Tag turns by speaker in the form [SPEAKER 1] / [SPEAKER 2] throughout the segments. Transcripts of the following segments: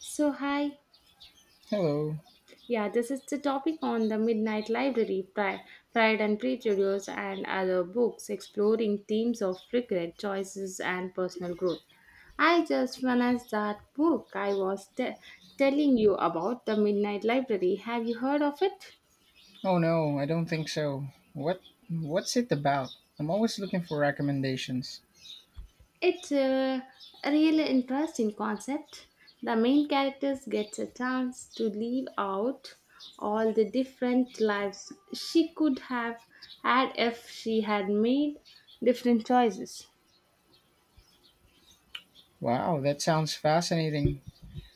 [SPEAKER 1] So, hi.
[SPEAKER 2] Hello.
[SPEAKER 1] Yeah, this is the topic on the Midnight Library, Pride and Prejudice, and other books exploring themes of regret, choices, and personal growth. I just finished that book I was telling you about, The Midnight Library. Have you heard of it?
[SPEAKER 2] Oh no, I don't think so. What what's it about? I'm always looking for recommendations.
[SPEAKER 1] It's a really interesting concept. The main characters gets a chance to live out all the different lives she could have had if she had made different choices.
[SPEAKER 2] Wow, that sounds fascinating.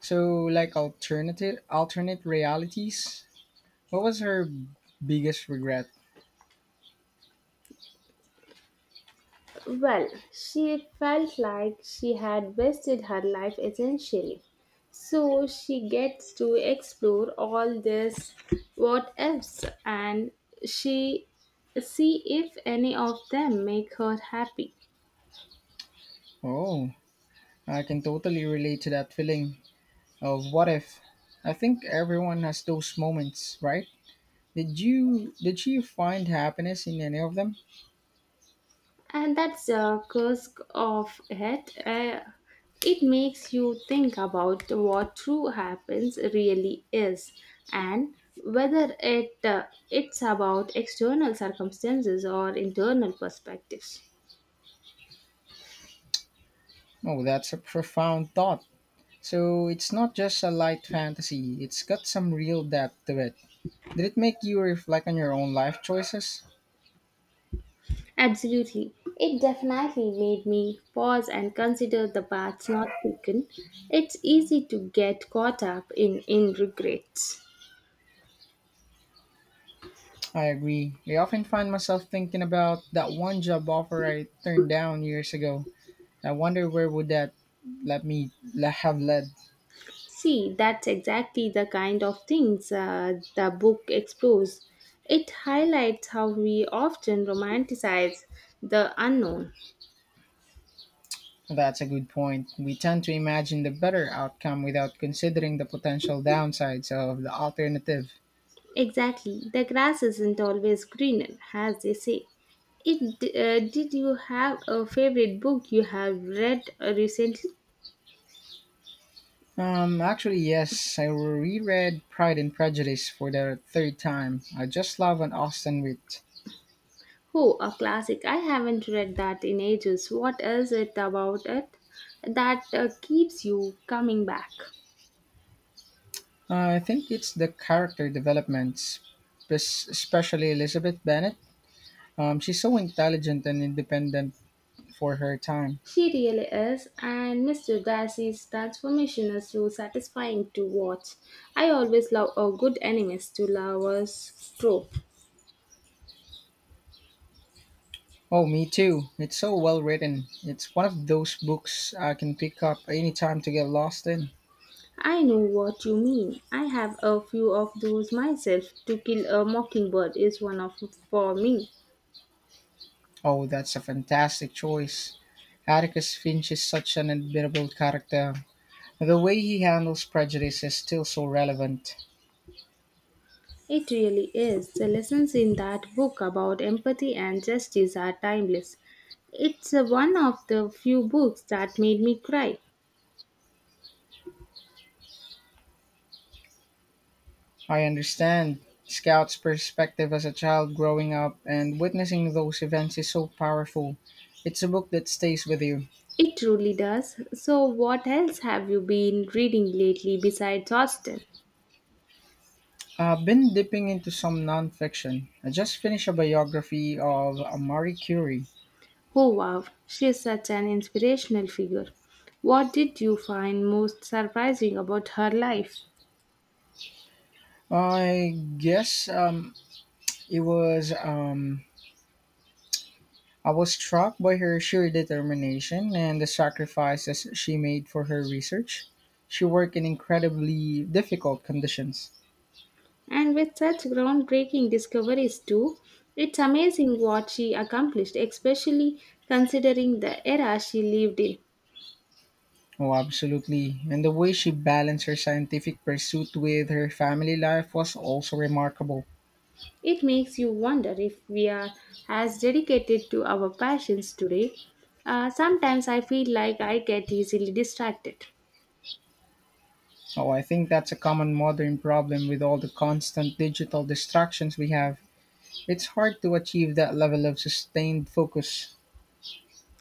[SPEAKER 2] So like alternative alternate realities? What was her biggest regret?
[SPEAKER 1] Well, she felt like she had wasted her life essentially. So she gets to explore all this what ifs and she see if any of them make her happy.
[SPEAKER 2] Oh, I can totally relate to that feeling of what if. I think everyone has those moments, right? Did you find happiness in any of them?
[SPEAKER 1] And that's the curse of it. It makes you think about what true happens really is, and whether it's about external circumstances or internal perspectives.
[SPEAKER 2] Oh, that's a profound thought. So it's not just a light fantasy, it's got some real depth to it. Did it make you reflect on your own life choices?
[SPEAKER 1] Absolutely, it definitely made me pause and consider the paths not taken. It's easy to get caught up in regrets.
[SPEAKER 2] I agree. I often find myself thinking about that one job offer I turned down years ago. I wonder where would that have led.
[SPEAKER 1] See, that's exactly the kind of things, the book explores. It highlights how we often romanticize the unknown.
[SPEAKER 2] That's a good point. We tend to imagine the better outcome without considering the potential downsides of the alternative.
[SPEAKER 1] Exactly, the grass isn't always greener, as they say. Did you have a favorite book you have read recently?
[SPEAKER 2] Actually, yes, I reread Pride and Prejudice for the third time. I just love an Austen wit.
[SPEAKER 1] Oh, a classic. I haven't read that in ages. What is it about it that keeps you coming back?
[SPEAKER 2] I think it's the character developments, especially Elizabeth Bennet. She's so intelligent and independent for her time.
[SPEAKER 1] She really is, and Mr. Darcy's transformation is so satisfying to watch. I always love a good enemies to lovers trope.
[SPEAKER 2] Oh, me too. It's so well written. It's one of those books I can pick up anytime to get lost in.
[SPEAKER 1] I know what you mean. I have a few of those myself. To kill a mockingbird is one of for me.
[SPEAKER 2] Oh, that's a fantastic choice. Atticus Finch is such an admirable character. The way he handles prejudice is still so relevant.
[SPEAKER 1] It really is. The lessons in that book about empathy and justice are timeless. It's one of the few books that made me cry.
[SPEAKER 2] I understand. Scout's perspective as a child growing up and witnessing those events is so powerful. It's a book that stays with you.
[SPEAKER 1] It truly does. So, what else have you been reading lately besides Austen?
[SPEAKER 2] I've been dipping into some nonfiction. I just finished a biography of Marie Curie.
[SPEAKER 1] Oh, wow, she is such an inspirational figure. What did you find most surprising about her life?
[SPEAKER 2] I guess it was. I was struck by her sheer determination and the sacrifices she made for her research. She worked in incredibly difficult conditions.
[SPEAKER 1] And with such groundbreaking discoveries, too, it's amazing what she accomplished, especially considering the era she lived in.
[SPEAKER 2] Oh, absolutely. And the way she balanced her scientific pursuit with her family life was also remarkable.
[SPEAKER 1] It makes you wonder if we are as dedicated to our passions today. Sometimes I feel like I get easily distracted.
[SPEAKER 2] Oh, I think that's a common modern problem with all the constant digital distractions we have. It's hard to achieve that level of sustained focus.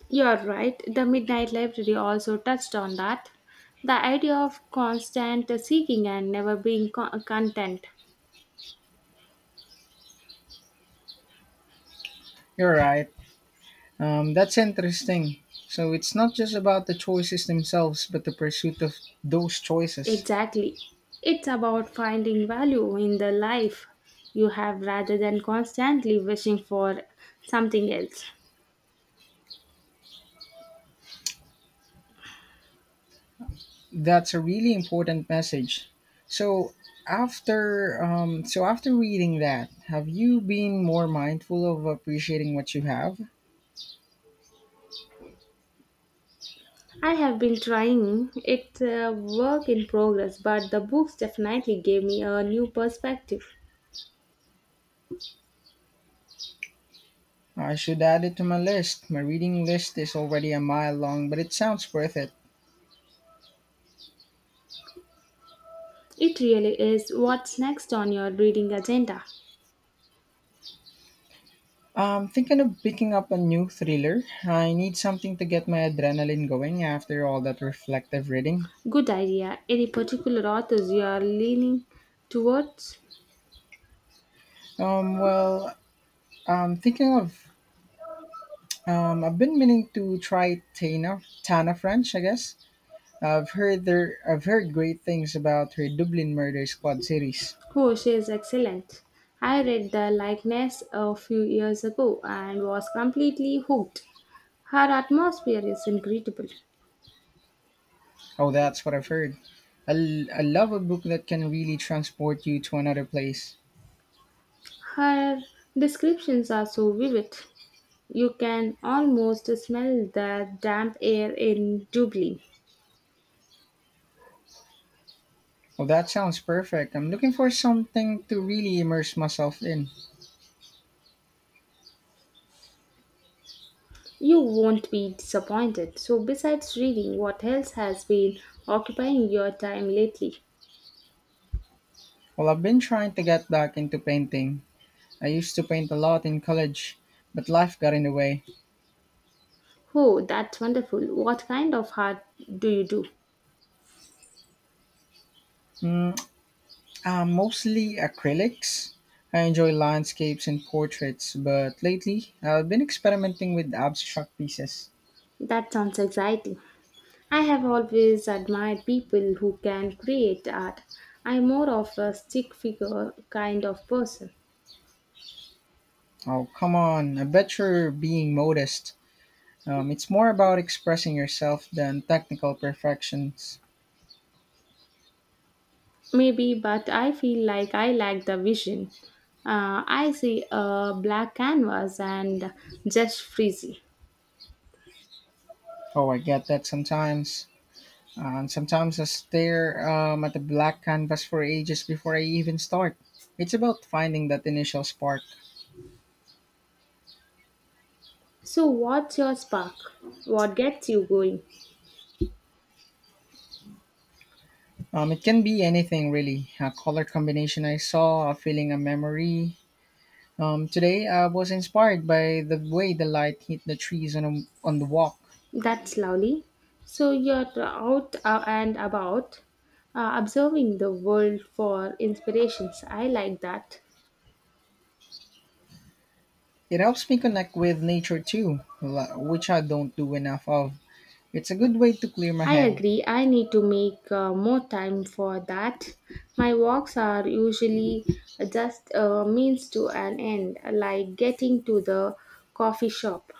[SPEAKER 1] You're right, the Midnight Library also touched on that. The idea of constant seeking and never being content.
[SPEAKER 2] You're right. That's interesting. So it's not just about the choices themselves, but the pursuit of those choices.
[SPEAKER 1] Exactly. It's about finding value in the life you have rather than constantly wishing for something else.
[SPEAKER 2] That's a really important message. So after reading that, have you been more mindful of appreciating what you have?
[SPEAKER 1] I have been trying. It's a work in progress, but the books definitely gave me a new perspective.
[SPEAKER 2] I should add it to my list. My reading list is already a mile long, but it sounds worth it.
[SPEAKER 1] It really is what's next on your reading agenda.
[SPEAKER 2] I'm thinking of picking up a new thriller. I need something to get my adrenaline going after all that reflective reading.
[SPEAKER 1] Good idea. Any particular authors you are leaning towards?
[SPEAKER 2] Well, I'm thinking of I've been meaning to try Tana French, I guess. I've heard great things about her Dublin Murder Squad series.
[SPEAKER 1] Oh, she is excellent. I read The Likeness a few years ago and was completely hooked. Her atmosphere is incredible.
[SPEAKER 2] Oh, that's what I've heard. I love a book that can really transport you to another place.
[SPEAKER 1] Her descriptions are so vivid. You can almost smell the damp air in Dublin.
[SPEAKER 2] Oh, that sounds perfect. I'm looking for something to really immerse myself in.
[SPEAKER 1] You won't be disappointed. So, besides reading, what else has been occupying your time lately?
[SPEAKER 2] Well, I've been trying to get back into painting. I used to paint a lot in college, but life got in the way.
[SPEAKER 1] Oh, that's wonderful. What kind of art do you do?
[SPEAKER 2] Mm, Mostly acrylics. I enjoy landscapes and portraits, but lately I've been experimenting with abstract pieces.
[SPEAKER 1] That sounds exciting. I have always admired people who can create art. I'm more of a stick figure kind of person.
[SPEAKER 2] Oh, come on. I bet you're being modest. It's more about expressing yourself than technical perfections.
[SPEAKER 1] Maybe, but I feel like I lack the vision. I see a black canvas and just freezy.
[SPEAKER 2] Oh, I get that sometimes. And sometimes I stare at the black canvas for ages before I even start. It's about finding that initial spark.
[SPEAKER 1] So, what's your spark? What gets you going?
[SPEAKER 2] It can be anything really a color combination I saw, a feeling, a memory. Today I was inspired by the way the light hit the trees on the walk.
[SPEAKER 1] That's lovely. So you're out and about, observing the world for inspirations. I like that.
[SPEAKER 2] It helps me connect with nature too, which I don't do enough of. It's a good way to clear my
[SPEAKER 1] I
[SPEAKER 2] head.
[SPEAKER 1] agree. I need to make more time for that. My walks are usually just a means to an end, like getting to the coffee shop.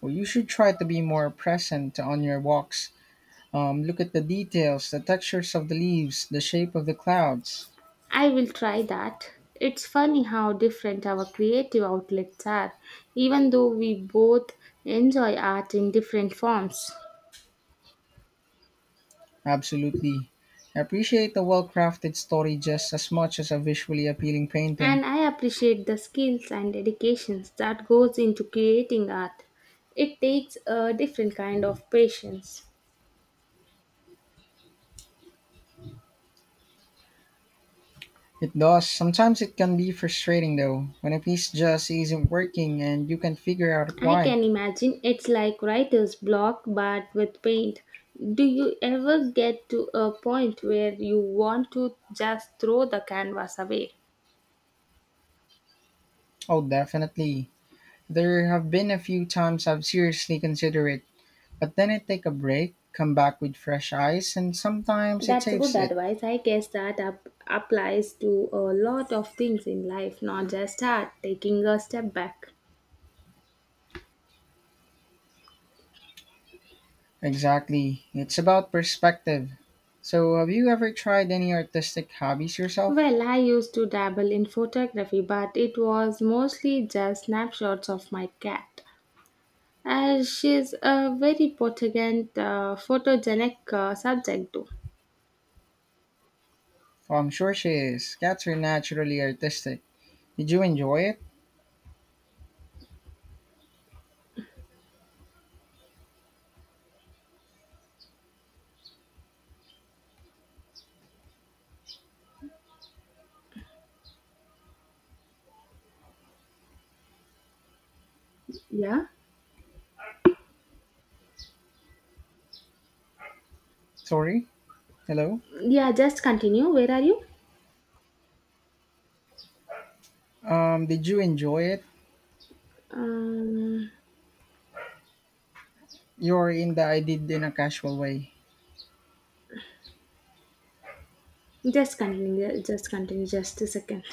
[SPEAKER 2] Well, you should try to be more present on your walks. Look at the details, the textures of the leaves, the shape of the clouds.
[SPEAKER 1] I will try that. It's funny how different our creative outlets are, even though we both enjoy art in different forms.
[SPEAKER 2] Absolutely. I appreciate a well crafted story just as much as a visually appealing painting.
[SPEAKER 1] And I appreciate the skills and dedications that goes into creating art. It takes a different kind of patience.
[SPEAKER 2] It does. Sometimes it can be frustrating though, when a piece just isn't working and you can figure out
[SPEAKER 1] I
[SPEAKER 2] why.
[SPEAKER 1] can imagine it's like writer's block but with paint. Do you ever get to a point where you want to just throw the canvas away?
[SPEAKER 2] Oh, definitely. There have been a few times I've seriously considered it, but then I take a break, come back with fresh eyes, and sometimes it
[SPEAKER 1] That's good
[SPEAKER 2] saves it.
[SPEAKER 1] advice. I guess applies to a lot of things in life, not just art, taking a step back.
[SPEAKER 2] Exactly. It's about perspective. So, have you ever tried any artistic hobbies yourself?
[SPEAKER 1] Well, I used to dabble in photography, but it was mostly just snapshots of my cat, as she's a very photogenic subject, though.
[SPEAKER 2] Oh, I'm sure she is. Cats are naturally artistic. Did you enjoy it?
[SPEAKER 1] Yeah,
[SPEAKER 2] Sorry? Hello?
[SPEAKER 1] yeah. Just continue. Where are you?
[SPEAKER 2] Did you enjoy it?
[SPEAKER 1] Um,
[SPEAKER 2] You're in the I did in a casual way.
[SPEAKER 1] just continue. Yeah, just continue. Just a second.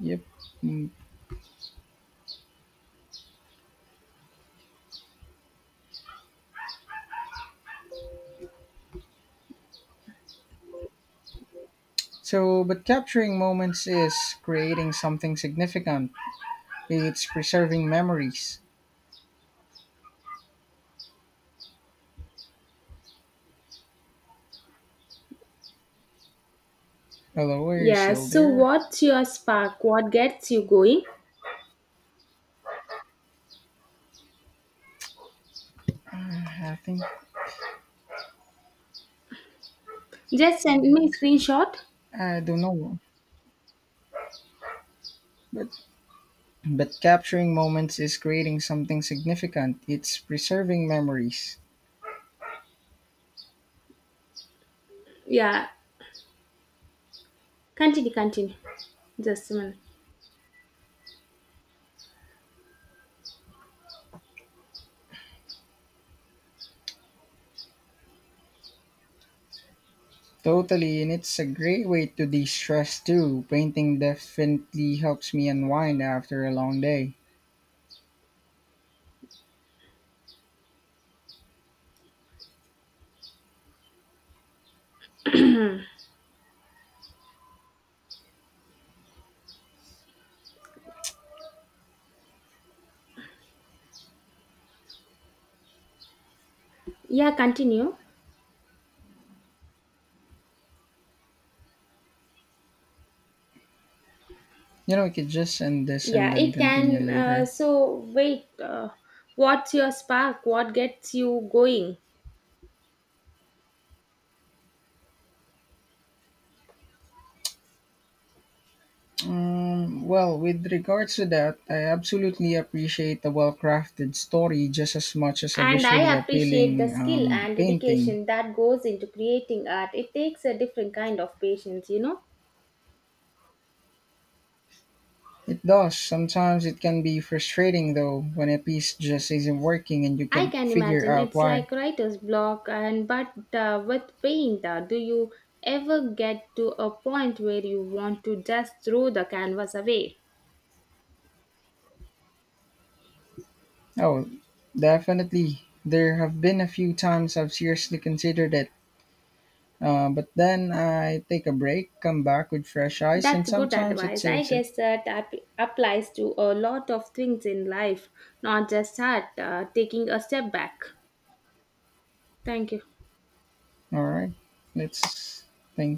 [SPEAKER 2] Yep. Mm. So, but capturing moments is creating something significant. It's preserving memories. Hello, are you
[SPEAKER 1] Yeah.
[SPEAKER 2] still
[SPEAKER 1] So,
[SPEAKER 2] there?
[SPEAKER 1] what's your spark? What gets you going?
[SPEAKER 2] I think
[SPEAKER 1] Just send me a screenshot.
[SPEAKER 2] I don't know, but capturing moments is creating something significant. It's preserving memories.
[SPEAKER 1] Yeah. Continue. Continue. Just a minute.
[SPEAKER 2] Totally, and it's a great way to de-stress too. Painting definitely helps me unwind after a long day.
[SPEAKER 1] Yeah. Continue.
[SPEAKER 2] You know, we could just end this
[SPEAKER 1] Yeah,
[SPEAKER 2] and then
[SPEAKER 1] it
[SPEAKER 2] continue
[SPEAKER 1] can. Uh,
[SPEAKER 2] later.
[SPEAKER 1] so, wait, uh, what's your spark? What gets you going?
[SPEAKER 2] Well, with regards to that, I absolutely appreciate a well crafted story just as much as a
[SPEAKER 1] And
[SPEAKER 2] visually
[SPEAKER 1] I appreciate the
[SPEAKER 2] appealing
[SPEAKER 1] skill and
[SPEAKER 2] painting.
[SPEAKER 1] dedication that goes into creating art. It takes a different kind of patience, you know.
[SPEAKER 2] It does. Sometimes it can be frustrating though when a piece just isn't working and you
[SPEAKER 1] I
[SPEAKER 2] can't
[SPEAKER 1] can
[SPEAKER 2] figure
[SPEAKER 1] imagine
[SPEAKER 2] out
[SPEAKER 1] it's
[SPEAKER 2] why.
[SPEAKER 1] like writer's block, and but with paint, do you ever get to a point where you want to just throw the canvas away?
[SPEAKER 2] Oh, definitely. There have been a few times I've seriously considered it, but then I take a break, come back with fresh eyes, and
[SPEAKER 1] That's good
[SPEAKER 2] sometimes it
[SPEAKER 1] advice. I
[SPEAKER 2] saves it.
[SPEAKER 1] guess applies to a lot of things in life, not just art. Taking a step back. Thank you.
[SPEAKER 2] All right. Let's. Thank